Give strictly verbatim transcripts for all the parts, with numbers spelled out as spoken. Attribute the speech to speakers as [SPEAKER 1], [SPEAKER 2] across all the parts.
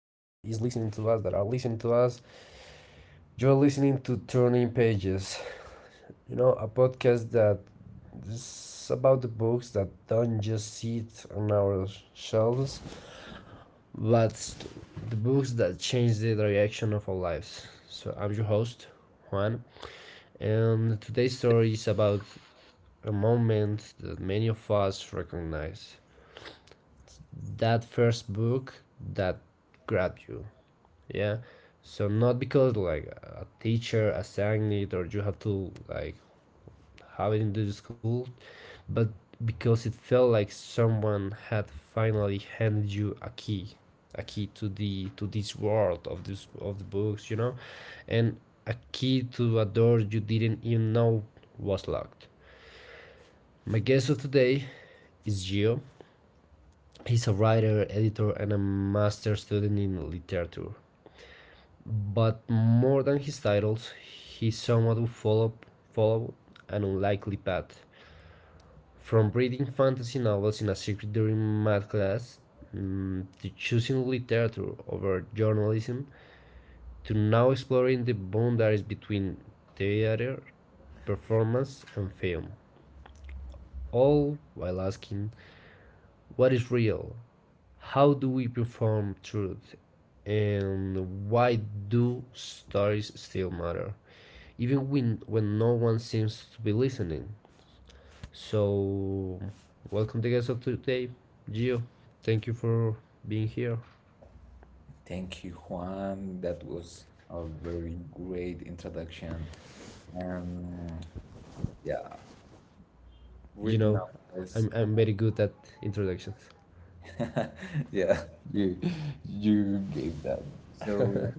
[SPEAKER 1] listening to us, that are listening to us, you're listening to Turning Pages. You know, a podcast that is about the books that don't just sit on our shelves, but the books that change the direction of our lives. So I'm your host, Juan, and today's story is about a moment that many of us recognize, that first book that grabbed you. Yeah, so not because like a teacher assigned it or you have to like have it in the school, but because it felt like someone had finally handed you a key, a key to the to this world of this of the books you know And a key to a door you didn't even know was locked. My guest of today is Gio. He's a writer, editor, and a master student in literature. But more than his titles, he somewhat who followed, followed an unlikely path. From reading fantasy novels in a secret during math class, mm, to choosing literature over journalism, to now exploring the boundaries between theater, performance, and film. All while asking, what is real? How do we perform truth? And why do stories still matter? Even when, when no one seems to be listening. So, welcome the guest of today, Gio. Thank you for being here.
[SPEAKER 2] Thank you, Juan. That was a very great introduction. Um, yeah,
[SPEAKER 1] You
[SPEAKER 2] written
[SPEAKER 1] know,
[SPEAKER 2] novels.
[SPEAKER 1] I'm, I'm very good at introductions.
[SPEAKER 2] Yeah, you you gave that. So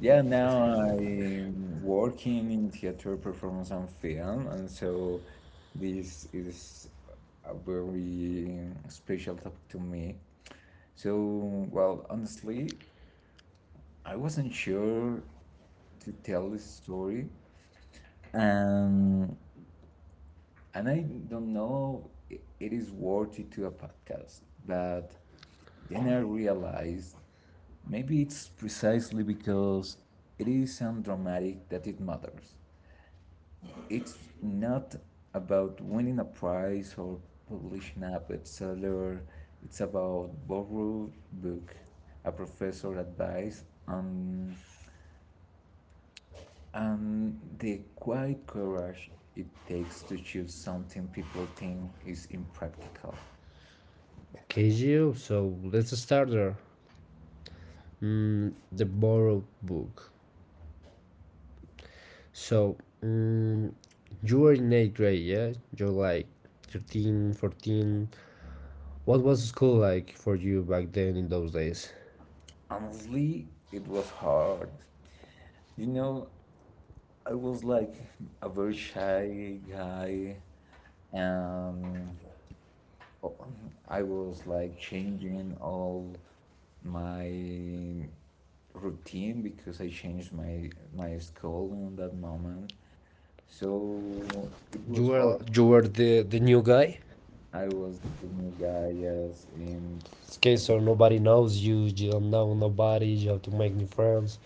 [SPEAKER 2] yeah, now I'm working in theater performance and film, and so this is a very special topic to me. So, well, honestly, I wasn't sure to tell this story Um, and I don't know i- it is worthy to a podcast, but then I realized maybe it's precisely because it is undramatic that it matters. It's not about winning a prize or publishing a bestseller. It's about borrowed book, a professor advice, and and the quiet courage it takes to choose something people think is impractical.
[SPEAKER 1] Okay, Gio, so let's start there. Mm, the borrowed book. So, mm, you were in eighth grade, yeah? You're like thirteen, fourteen. What was school like for you back then in those days?
[SPEAKER 2] Honestly, it was hard. You know, I was like a very shy guy, and I was like changing all my routine because I changed my my school in that moment. So it
[SPEAKER 1] You
[SPEAKER 2] was
[SPEAKER 1] were
[SPEAKER 2] hard.
[SPEAKER 1] you were the the new guy.
[SPEAKER 2] I was the new guy, yes, in
[SPEAKER 1] Okay,
[SPEAKER 2] I think,
[SPEAKER 1] so nobody knows you. You don't know nobody. You have to make new friends.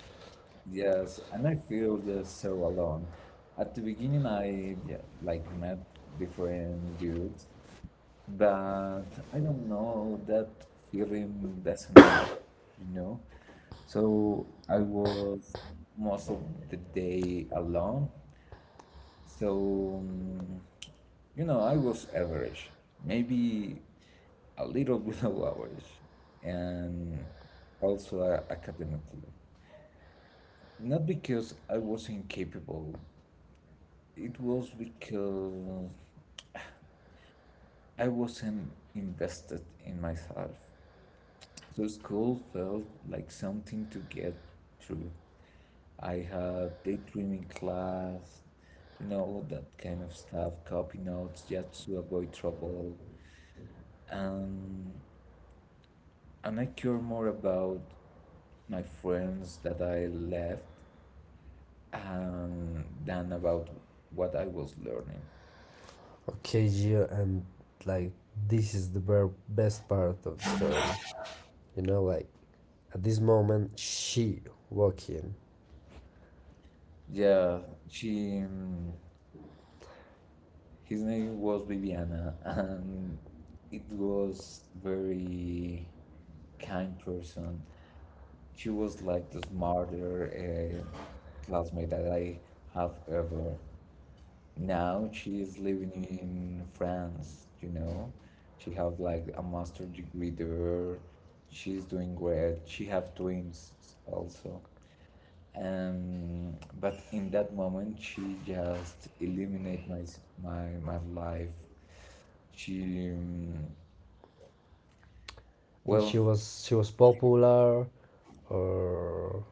[SPEAKER 2] yes, and I feel just so alone. At the beginning, I yeah, like met different dudes, but I don't know that feeling doesn't matter, you know. So I was most of the day alone. So, mm, you know, I was average, maybe a little below average, and also uh, academically. Not because I wasn't capable, it was because I wasn't invested in myself. So, school felt like something to get through. I had daydreaming class, you know, all that kind of stuff, copy notes just to avoid trouble. and and I care more about my friends that I left um, than about what I was learning.
[SPEAKER 1] Okay, yeah, and like this is the ver- best part of the story. You know, like at this moment she walked in.
[SPEAKER 2] Yeah, she um, his name was Viviana and it was very kind person. She was like the smarter uh, classmate that I have ever. Now she is living in France, you know. She have like a master degree there. She's doing great. She have twins also. Um, but in that moment, she just eliminate my s- my my life. She um,
[SPEAKER 1] And
[SPEAKER 2] well,
[SPEAKER 1] she was, she was popular, or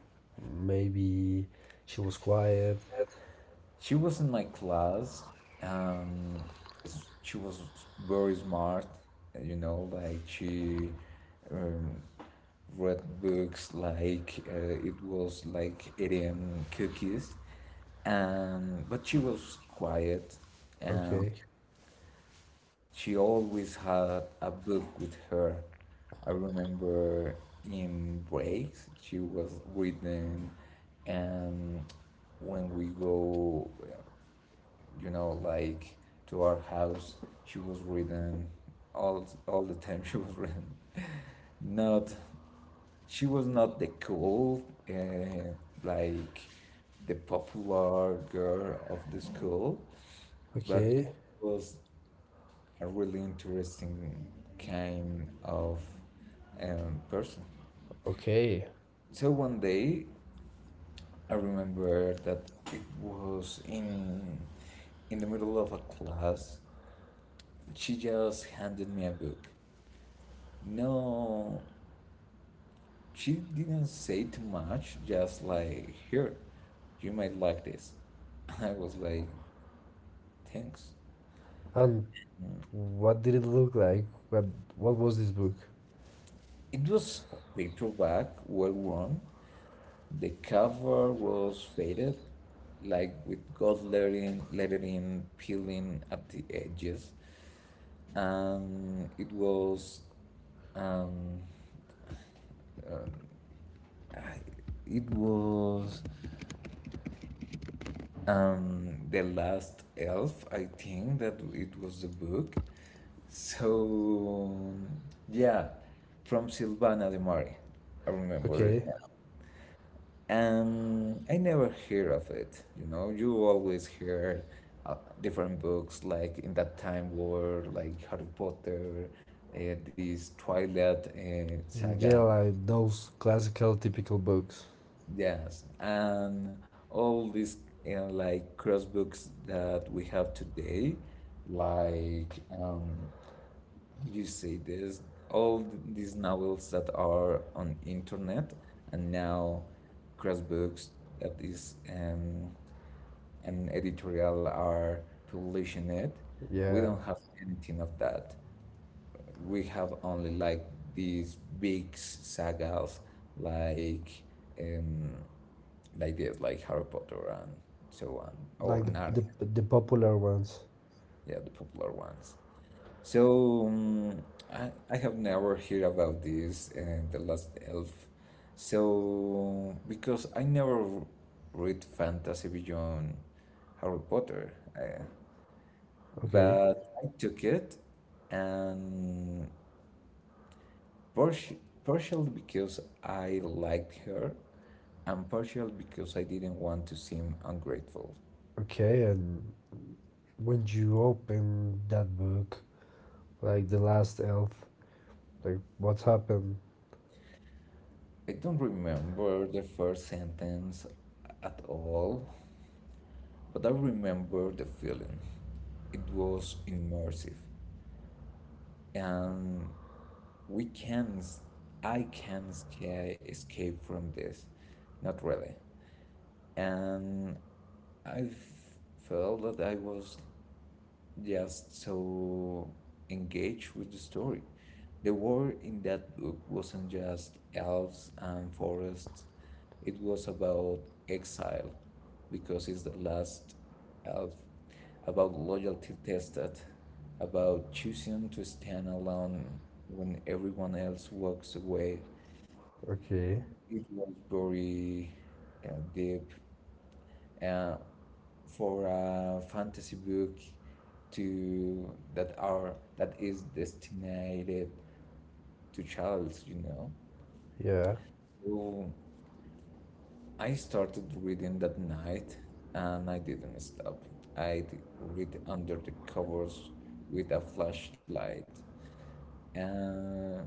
[SPEAKER 1] maybe she was quiet.
[SPEAKER 2] She was in my class. Um, she was very smart, you know, like she um, read books like uh, it was like eating cookies. Um, but she was quiet and
[SPEAKER 1] Okay,
[SPEAKER 2] she always had a book with her. I remember in breaks she was reading and when we go you know, like to our house. She was ridden all all the time. She was ridden. Not, she was not the cool, uh, like the popular girl of the school, but she
[SPEAKER 1] okay,
[SPEAKER 2] was a really interesting kind of um, person.
[SPEAKER 1] okay,
[SPEAKER 2] So one day, I remember that it was in in the middle of a class. She just handed me a book. No, she didn't say too much, just like, here, you might like this. I was like, thanks.
[SPEAKER 1] and what did it look like? What, what was this book?
[SPEAKER 2] It was paperback, well worn. The cover was faded, like with gold lettering, lettering peeling at the edges. Um, it was, um, I- it was Um, the last elf, I think that it was the book. So yeah, from Silvana de Mari, I remember it.
[SPEAKER 1] Okay.
[SPEAKER 2] And I never hear of it, you know. You always hear uh, different books like in that time were like Harry Potter, uh, this Twilight uh,
[SPEAKER 1] Yeah,
[SPEAKER 2] saga.
[SPEAKER 1] like those classical typical books.
[SPEAKER 2] Yes, and all these uh, like cross books that we have today, like um, how do you say this? All th- these novels that are on internet, and now cross books that is um, an editorial are publishing it. We
[SPEAKER 1] Yeah.
[SPEAKER 2] don't have anything of that. We have only like these big sagas, like. Um, like this, like Harry Potter and so on, or
[SPEAKER 1] Like
[SPEAKER 2] Narnia,
[SPEAKER 1] the, the, the popular ones.
[SPEAKER 2] yeah, the popular ones. So um, I, I have never heard about this, uh, The Last Elf. So because I never read fantasy beyond Harry Potter, uh,
[SPEAKER 1] Okay.
[SPEAKER 2] but I took it and partially, partially because I liked her and partially because I didn't want to seem ungrateful.
[SPEAKER 1] Okay, and when you open that book, like The Last Elf, like what happened?
[SPEAKER 2] I don't remember the first sentence at all, but I remember the feeling. It was immersive, and we can, I can sca- escape from this, not really. And I felt that I was just so engaged with the story. The world in that book wasn't just elves and forests. It was about exile because it's the last elf, about loyalty tested, about choosing to stand alone when everyone else walks away.
[SPEAKER 1] Okay.
[SPEAKER 2] It was very uh, deep. Uh, for a fantasy book to that are that is destined to childs, you know.
[SPEAKER 1] Yeah.
[SPEAKER 2] So I started reading that night and I didn't stop. I read under the covers with a flashlight. And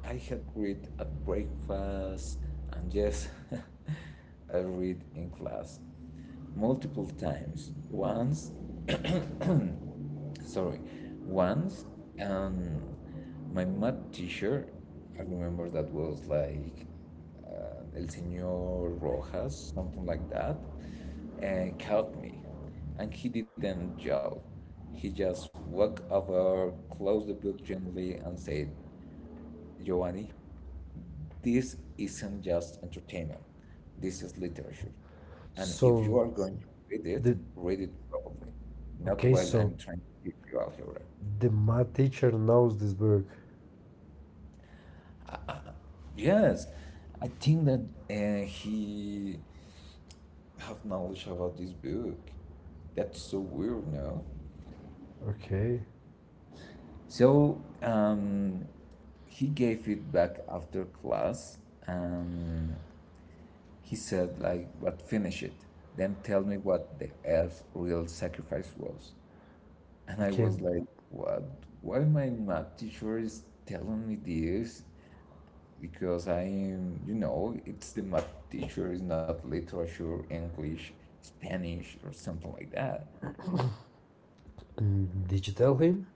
[SPEAKER 2] I had read at breakfast and yes, I read in class multiple times. Once sorry Once and my math teacher, I remember that was like uh, el Señor Rojas something like that, uh, caught me, and he didn't yell. He just walked over, closed the book gently and said, "Giovanni, this isn't just entertainment, this is literature, and if you
[SPEAKER 1] So
[SPEAKER 2] are going to read it,
[SPEAKER 1] the
[SPEAKER 2] read it properly, not
[SPEAKER 1] Okay,
[SPEAKER 2] while I'm
[SPEAKER 1] so
[SPEAKER 2] trying to teach you algebra."
[SPEAKER 1] the math teacher knows this book.
[SPEAKER 2] Yes, I think that uh, he have knowledge about this book. That's so weird, no?
[SPEAKER 1] Okay.
[SPEAKER 2] So um, he gave it back after class, and he said like, "But finish it. Then tell me what the elf's real sacrifice was." And I
[SPEAKER 1] Okay.
[SPEAKER 2] was like, "What? Why my math teacher is telling me this?" Because I am, you know, it's the math teacher is not literature, English, Spanish, or something like that.
[SPEAKER 1] And did you tell him?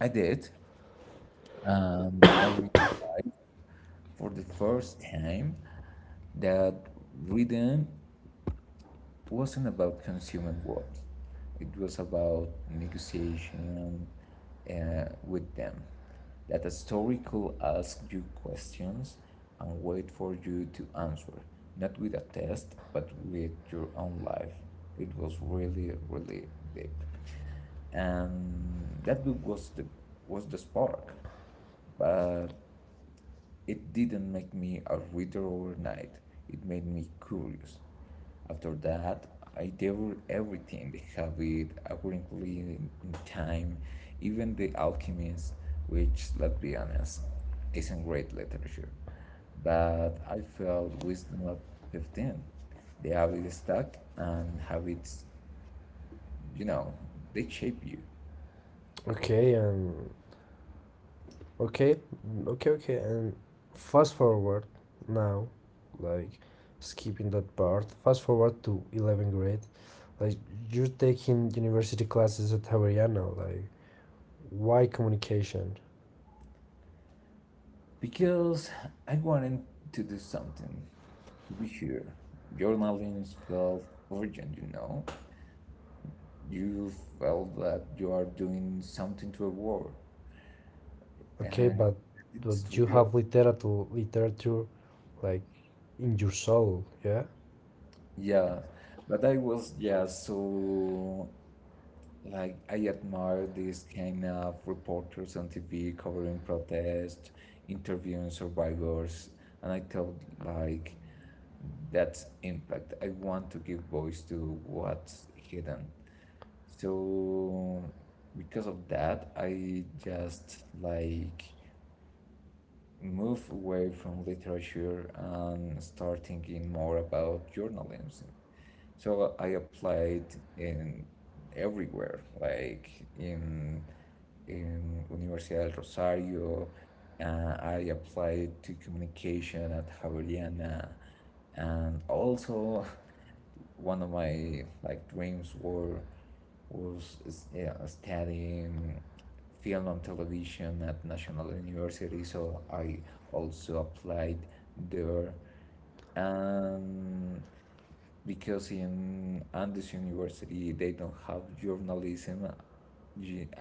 [SPEAKER 2] I did. Um, I read for the first time that rhythm wasn't about consumer war. It was about negotiation uh, with them. That a story could ask you questions and wait for you to answer, not with a test, but with your own life. It was really, really deep, and that book was the was the spark. But it didn't make me a reader overnight, it made me curious. After that, I devoured everything: The Hobbit, A Wrinkly in, in Time, even The Alchemist, which, let's be honest, isn't great literature. But I felt wisdom at fifteen. The habit stuck, and habits, you know, they shape you.
[SPEAKER 1] Okay, and okay, mm, okay, okay. And fast forward now, like skipping that part. Fast forward to eleventh grade. Like you're taking university classes at Javeriana. Like why communication?
[SPEAKER 2] Because I wanted to do something, to be here. Journaling is felt urgent, you know. You felt that you are doing something to a world,
[SPEAKER 1] Okay,
[SPEAKER 2] and
[SPEAKER 1] but
[SPEAKER 2] it's
[SPEAKER 1] but you
[SPEAKER 2] real.
[SPEAKER 1] have literature, literature, like in your soul. Yeah.
[SPEAKER 2] Yeah, but I was just so like I admire these kind of reporters on T V covering protests, interviewing survivors, and I thought like that impact. I want to give voice to what's hidden. So because of that, I just like move away from literature and start thinking more about journalism. So I applied in everywhere, like in in Universidad del Rosario. Uh, I applied to communication at Javeriana and also one of my like dreams were was yeah, studying film and television at National University, so I also applied there. And because in Andes University they don't have journalism,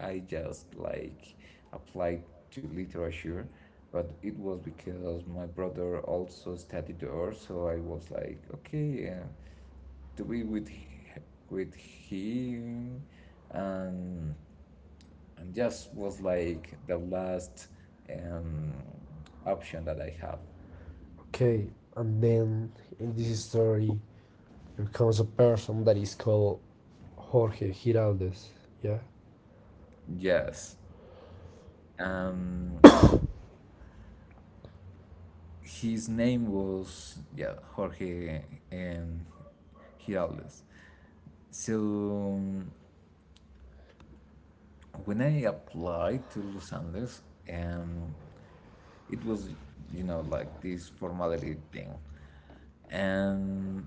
[SPEAKER 2] I just like applied to literature. But it was because my brother also studied there, so I was like, okay, uh, to be with h- with him and and just was like the last um, option that I have.
[SPEAKER 1] Okay, and then in this story, there comes a person that is called Jorge Giraldes. Yeah.
[SPEAKER 2] Yes. Um, his name was yeah Jorge um, Giraldes. So um, when I applied to Los Andes, um, it was you know like this formality thing, and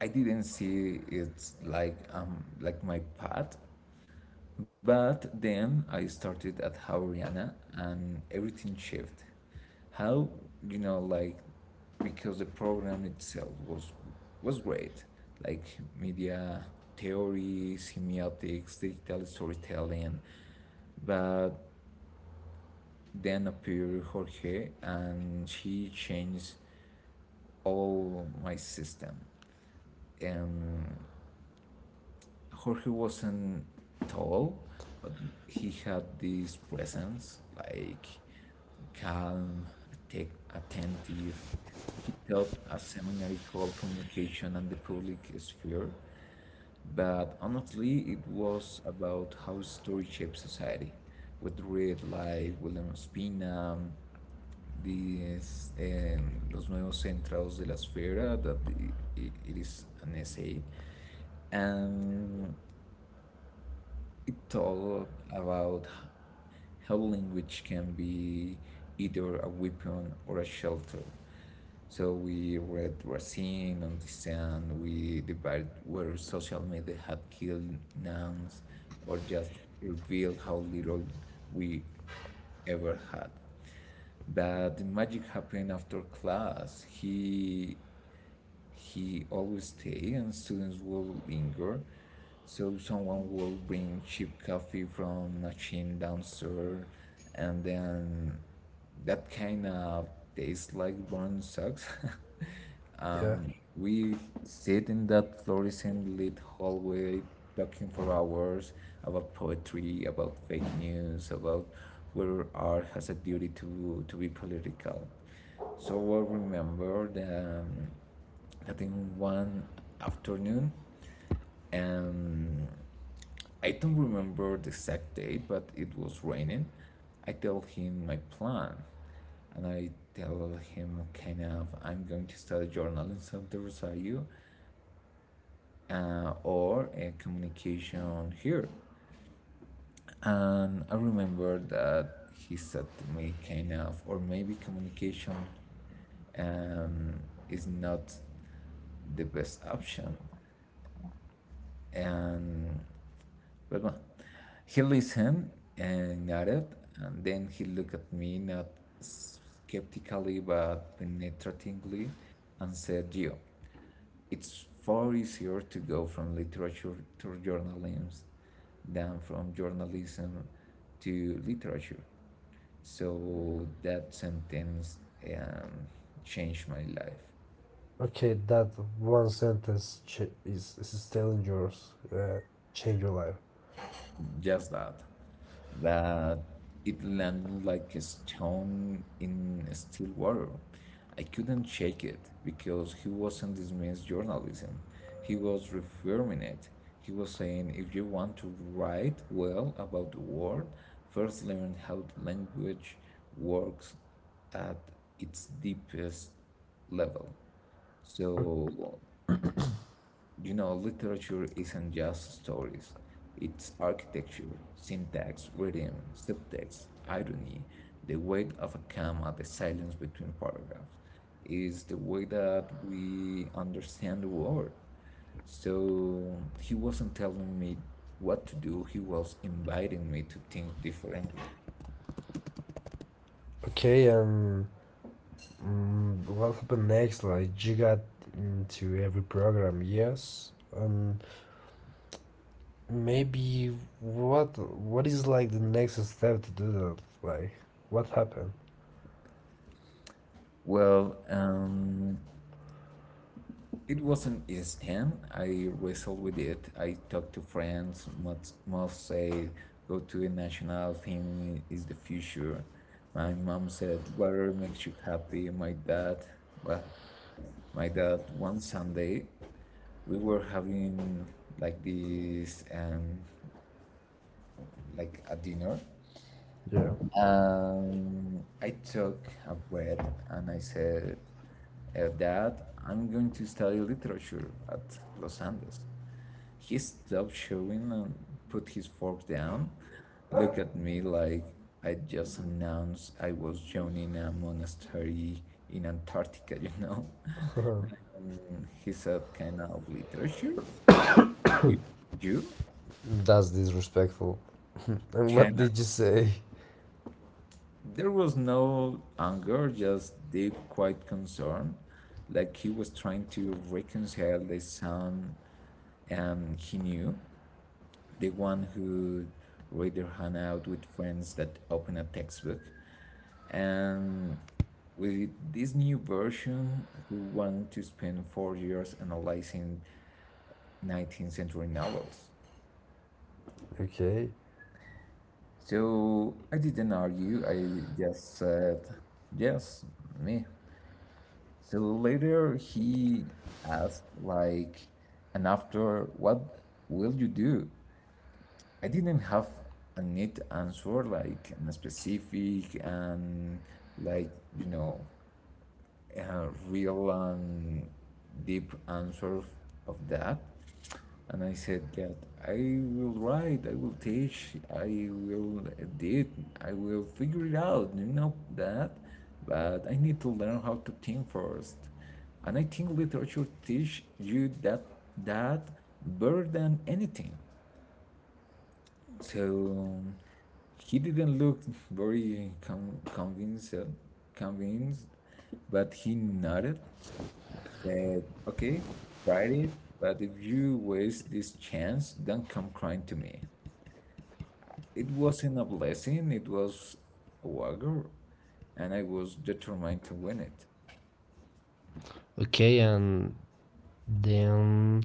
[SPEAKER 2] I didn't see it like um like my path, but then I started at how Rihanna and everything shifted. How you know like because the program itself was was great, like media theory, semiotics, digital storytelling, but then appeared Jorge and she changed all my system, and Jorge wasn't tall, but he had this presence, like calm, atte- attentive. He taught a seminary called Communication and the Public Sphere, but honestly, it was about how story shapes society. With read like William Spina, this, um, Los Nuevos Centros de la Esfera, that i- i- it is an essay. And it's all about how language can be either a weapon or a shelter. So we read Racine and Descent, we debated where social media had killed nuns or just revealed how little we ever had. But the magic happened after class. He he always stay and students will linger. So someone will bring cheap coffee from machine downstairs and then that kind of tastes like burnt socks.
[SPEAKER 1] Yeah.
[SPEAKER 2] Um, we sit in that fluorescent lit hallway talking for hours about poetry, about fake news, about where art has a duty to, to be political. So I remember that, um, that in one afternoon, and I don't remember the exact date, but it was raining. I tell him my plan, and I tell him kind of I'm going to study journalism at the Rosario uh, or uh, communication here. And I remember that he said to me kind of, or maybe communication um, is not the best option. And but well, he listened and nodded, and then he looked at me not skeptically but penetratingly and said, "Gio, it's far easier to go from literature to journalism than from journalism to literature." So that sentence um, changed my life.
[SPEAKER 1] Okay, that one sentence ch- is, is telling yours, uh, change your life.
[SPEAKER 2] Just that. That it landed like a stone in still water. I couldn't shake it because he wasn't dismissed journalism. He was reaffirming it. He was saying if you want to write well about the world, first learn how the language works at its deepest level. So you know, Literature isn't just stories, it's architecture, syntax, rhythm, subtext, irony, the weight of a comma, the silence between paragraphs. Is the way that we understand the world. So he wasn't telling me what to do, he was inviting me to think differently.
[SPEAKER 1] Okay, and mm, what happened next? Like you got into every program, yes, and maybe what what is like the next step to do that? Like what happened?
[SPEAKER 2] Well, um, it wasn't instant. I wrestled with it. I talked to friends. Most, most say go to a national team is the future. My mom said whatever makes you happy. My dad, well, my dad. One Sunday, we were having like this, um, like a dinner.
[SPEAKER 1] Yeah,
[SPEAKER 2] Um, I took a breath and I said, uh, "Dad, I'm going to study literature at Los Andes." He stopped chewing and put his fork down, looked at me like I just announced I was joining a monastery in Antarctica, you know? And he said, kind of literature? You? You?
[SPEAKER 1] that's disrespectful. And what
[SPEAKER 2] Kind of.
[SPEAKER 1] did you say?
[SPEAKER 2] There was no anger, just deep, quiet concern, like he was trying to reconcile the son and he knew, the one who read their hangout with friends that open a textbook. And with this new version, we want to spend four years analyzing nineteenth century novels.
[SPEAKER 1] Okay.
[SPEAKER 2] So I didn't argue, I just said, yes, me. So later he asked, like, and after, what will you do? I didn't have a neat answer, like, and a specific and, like, you know, a real and deep answer of that. And I said that I will write, I will teach, I will edit, I will figure it out, you know that. But I need to learn how to think first. And I think literature teach you that that better than anything. So he didn't look very com- convinced, convinced, but he nodded said, okay, tried it, but if you waste this chance, don't come crying to me. It wasn't a blessing, it was a wagger, and I was determined to win it.
[SPEAKER 1] Okay, and then,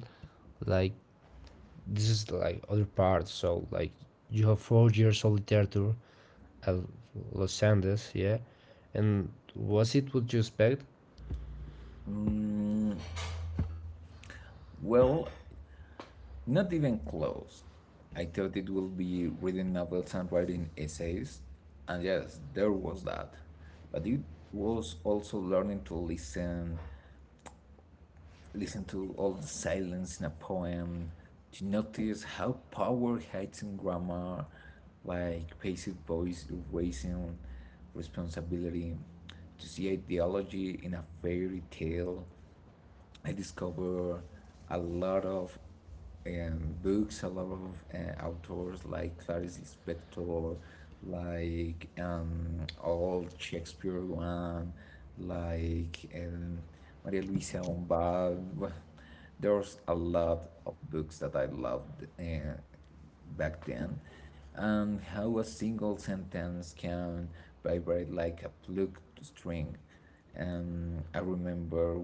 [SPEAKER 1] like, this is like other part. So like you have four years of literature at Los Andes, yeah. And was it what you expect?
[SPEAKER 2] Well, not even close. I thought it would be reading novels and writing essays, and yes, there was that. But it was also learning to listen, listen to all the silence in a poem to notice how power hides in grammar, like passive voice erasing responsibility, to see ideology in a fairy tale. I discover a lot of um, books, a lot of uh, authors like Clarice Lispector, like um, old Shakespeare one, like um, Maria Luisa Bombal. Well, there's a lot of books that I loved uh, back then, and how a single sentence can vibrate like a plucked string. Um, I remember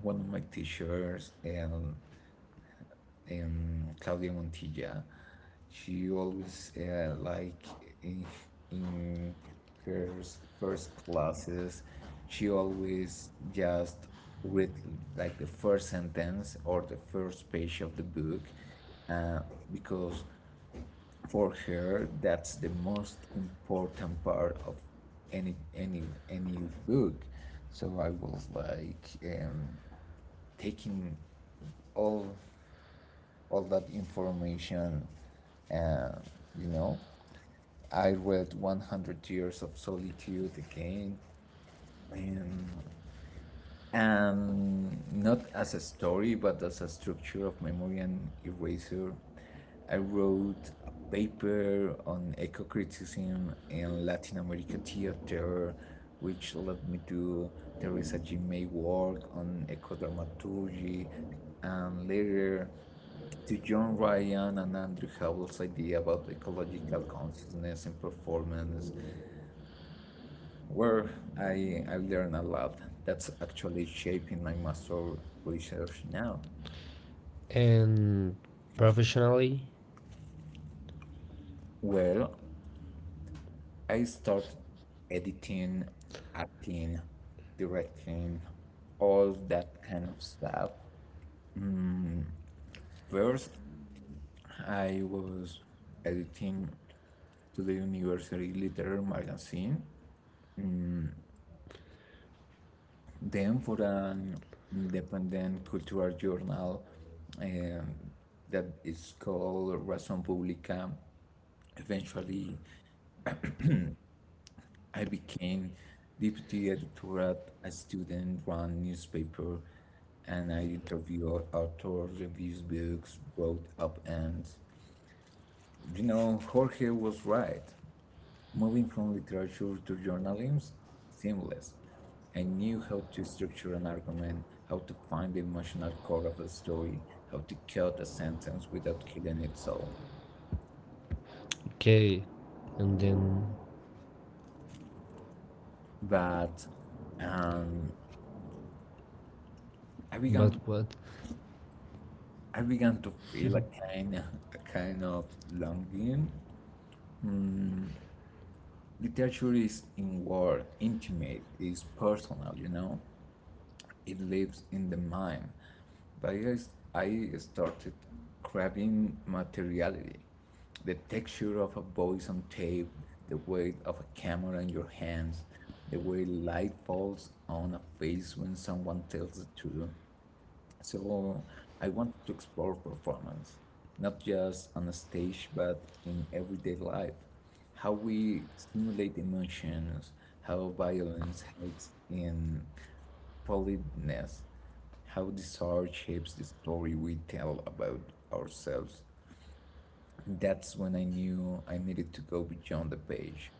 [SPEAKER 2] one of my teachers and um, Claudia Montilla. She always uh, like in in her first classes, she always just read like the first sentence or the first page of the book, uh, because for her that's the most important part of any any any book. So I was like. Um, taking all all that information and you know I read one hundred years of solitude again and and not as a story, but as a structure of memory and erasure. I wrote a paper on eco criticism in Latin American theater, which led me to Teresa G. May work on eco-dramaturgy, and later to John Ryan and Andrew Howell's idea about ecological consciousness and performance where I, I learn a lot. That's actually shaping my master research now.
[SPEAKER 1] And professionally,
[SPEAKER 2] Well, I start editing, acting, directing, all that kind of stuff. First, I was editing to the university literary magazine. Then, for an independent cultural journal um, that is called Razón Pública, eventually I became deputy editor at a student-run newspaper, and I interviewed authors, reviews books, wrote up ends. You know, Jorge was right. Moving from literature to journalism seamless. I knew how to structure an argument, how to find the emotional core of a story, how to cut a sentence without killing it so.
[SPEAKER 1] okay. And then,
[SPEAKER 2] But um, I
[SPEAKER 1] but
[SPEAKER 2] began
[SPEAKER 1] what?
[SPEAKER 2] I began to feel a kind a kind of longing. Literature is inward, intimate, is personal, you know. It lives in the mind. But I started craving materiality, the texture of a voice on tape, the weight of a camera in your hands, the way light falls on a face when someone tells the truth, so I wanted to explore performance, not just on a stage, but in everyday life. How we stimulate emotions, how violence hides in politeness, how desire shapes the story we tell about ourselves. That's when I knew I needed to go beyond the page.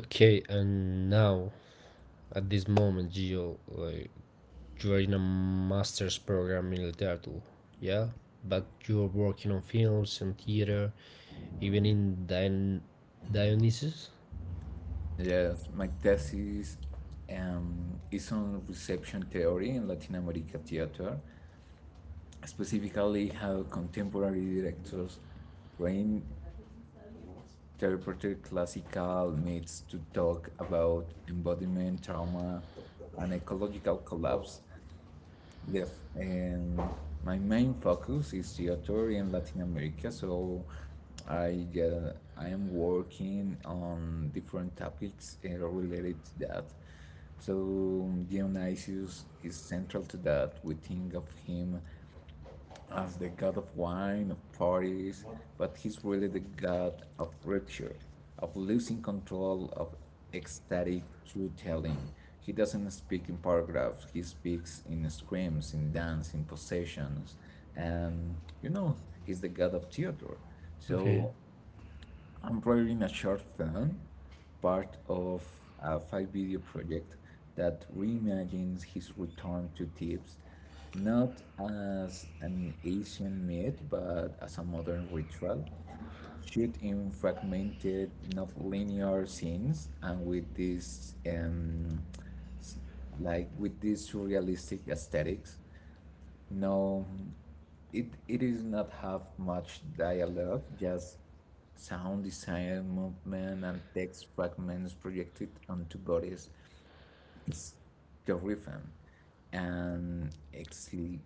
[SPEAKER 1] Okay, and now at this moment, you like you are in a master's program in literature, yeah. But you are working on films and theater, even in Dion- Dionysus.
[SPEAKER 2] Yes, my thesis um, is on reception theory in Latin America theater, specifically how contemporary directors reinterpreted classical myths to talk about embodiment, trauma, and ecological collapse. The, and my main focus is theater in Latin America, so I uh, I am working on different topics uh, related to that. So Dionysius is central to that. We think of him as the god of wine, of parties, but he's really the god of rupture, of losing control, of ecstatic truth telling. He doesn't speak in paragraphs, he speaks in screams, in dance, in possessions. And you know, he's the god of Theodore.
[SPEAKER 1] Okay.
[SPEAKER 2] So I'm writing a short film, part of a five video project that reimagines his return to Thebes, not as an Asian myth, but as a modern ritual. Shoot in fragmented, not linear scenes, and with this, um, like with this surrealistic aesthetics. No, it it is not have much dialogue, just sound design, movement, and text fragments projected onto bodies. It's terrifying and exhil-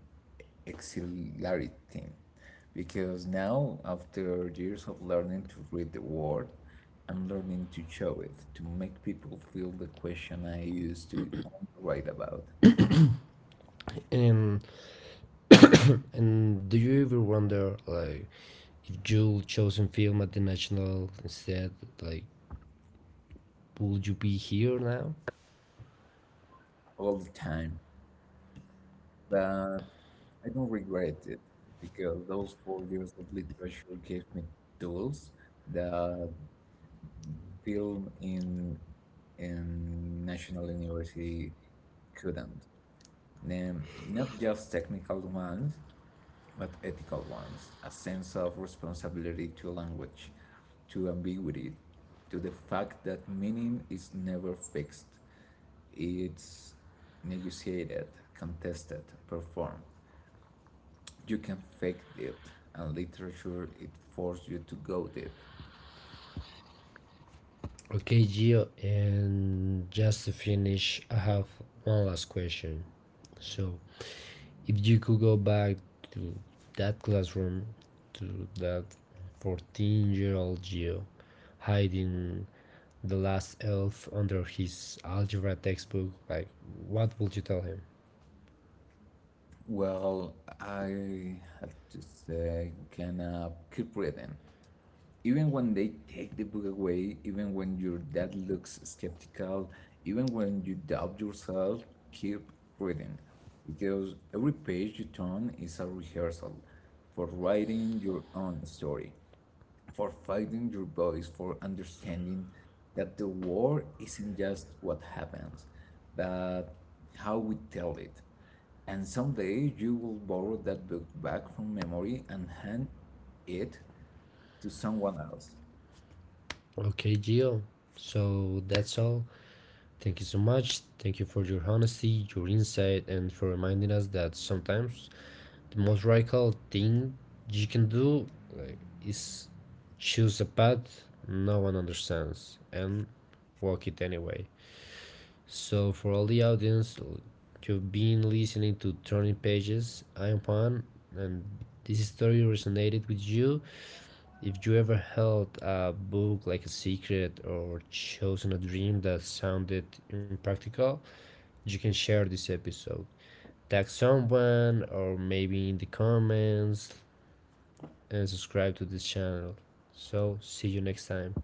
[SPEAKER 2] exhilarating because now, after years of learning to read the word, I'm learning to show it to make people feel the question I used to write about
[SPEAKER 1] And And do you ever wonder, like, if you chosen film at the national instead, like, would you be here now?
[SPEAKER 2] all the time. But I don't regret it because those four years of literature gave me tools that film in in National University couldn't. Then not just technical ones, but ethical ones, a sense of responsibility to language, to ambiguity, to the fact that meaning is never fixed. It's negotiated, contested, performed. You can fake deep, and literature it forces you to go deep.
[SPEAKER 1] Okay, Gio, and just to finish, I have one last question. So, if you could go back to that classroom, to that fourteen year old Gio, hiding the last elf under his algebra textbook, like, what would you tell him?
[SPEAKER 2] Well, I have to say, can I keep reading? Even when they take the book away, even when your dad looks skeptical, even when you doubt yourself, keep reading. Because every page you turn is a rehearsal for writing your own story, for finding your voice, for understanding that the war isn't just what happens, but how we tell it. And someday you will borrow that book back from memory and hand it to someone else.
[SPEAKER 1] Okay, Gio. So that's all. Thank you so much. Thank you for your honesty, your insight, and for reminding us that sometimes the most radical thing you can do, like, is choose a path no one understands and walk it anyway. So, for all the audience, you've been listening to Turning Pages. I'm Juan, and this story resonated with you. If you ever held a book like a secret or chosen a dream that sounded impractical, you can share this episode. Tag someone or maybe in the comments, and subscribe to this channel. So, see you next time.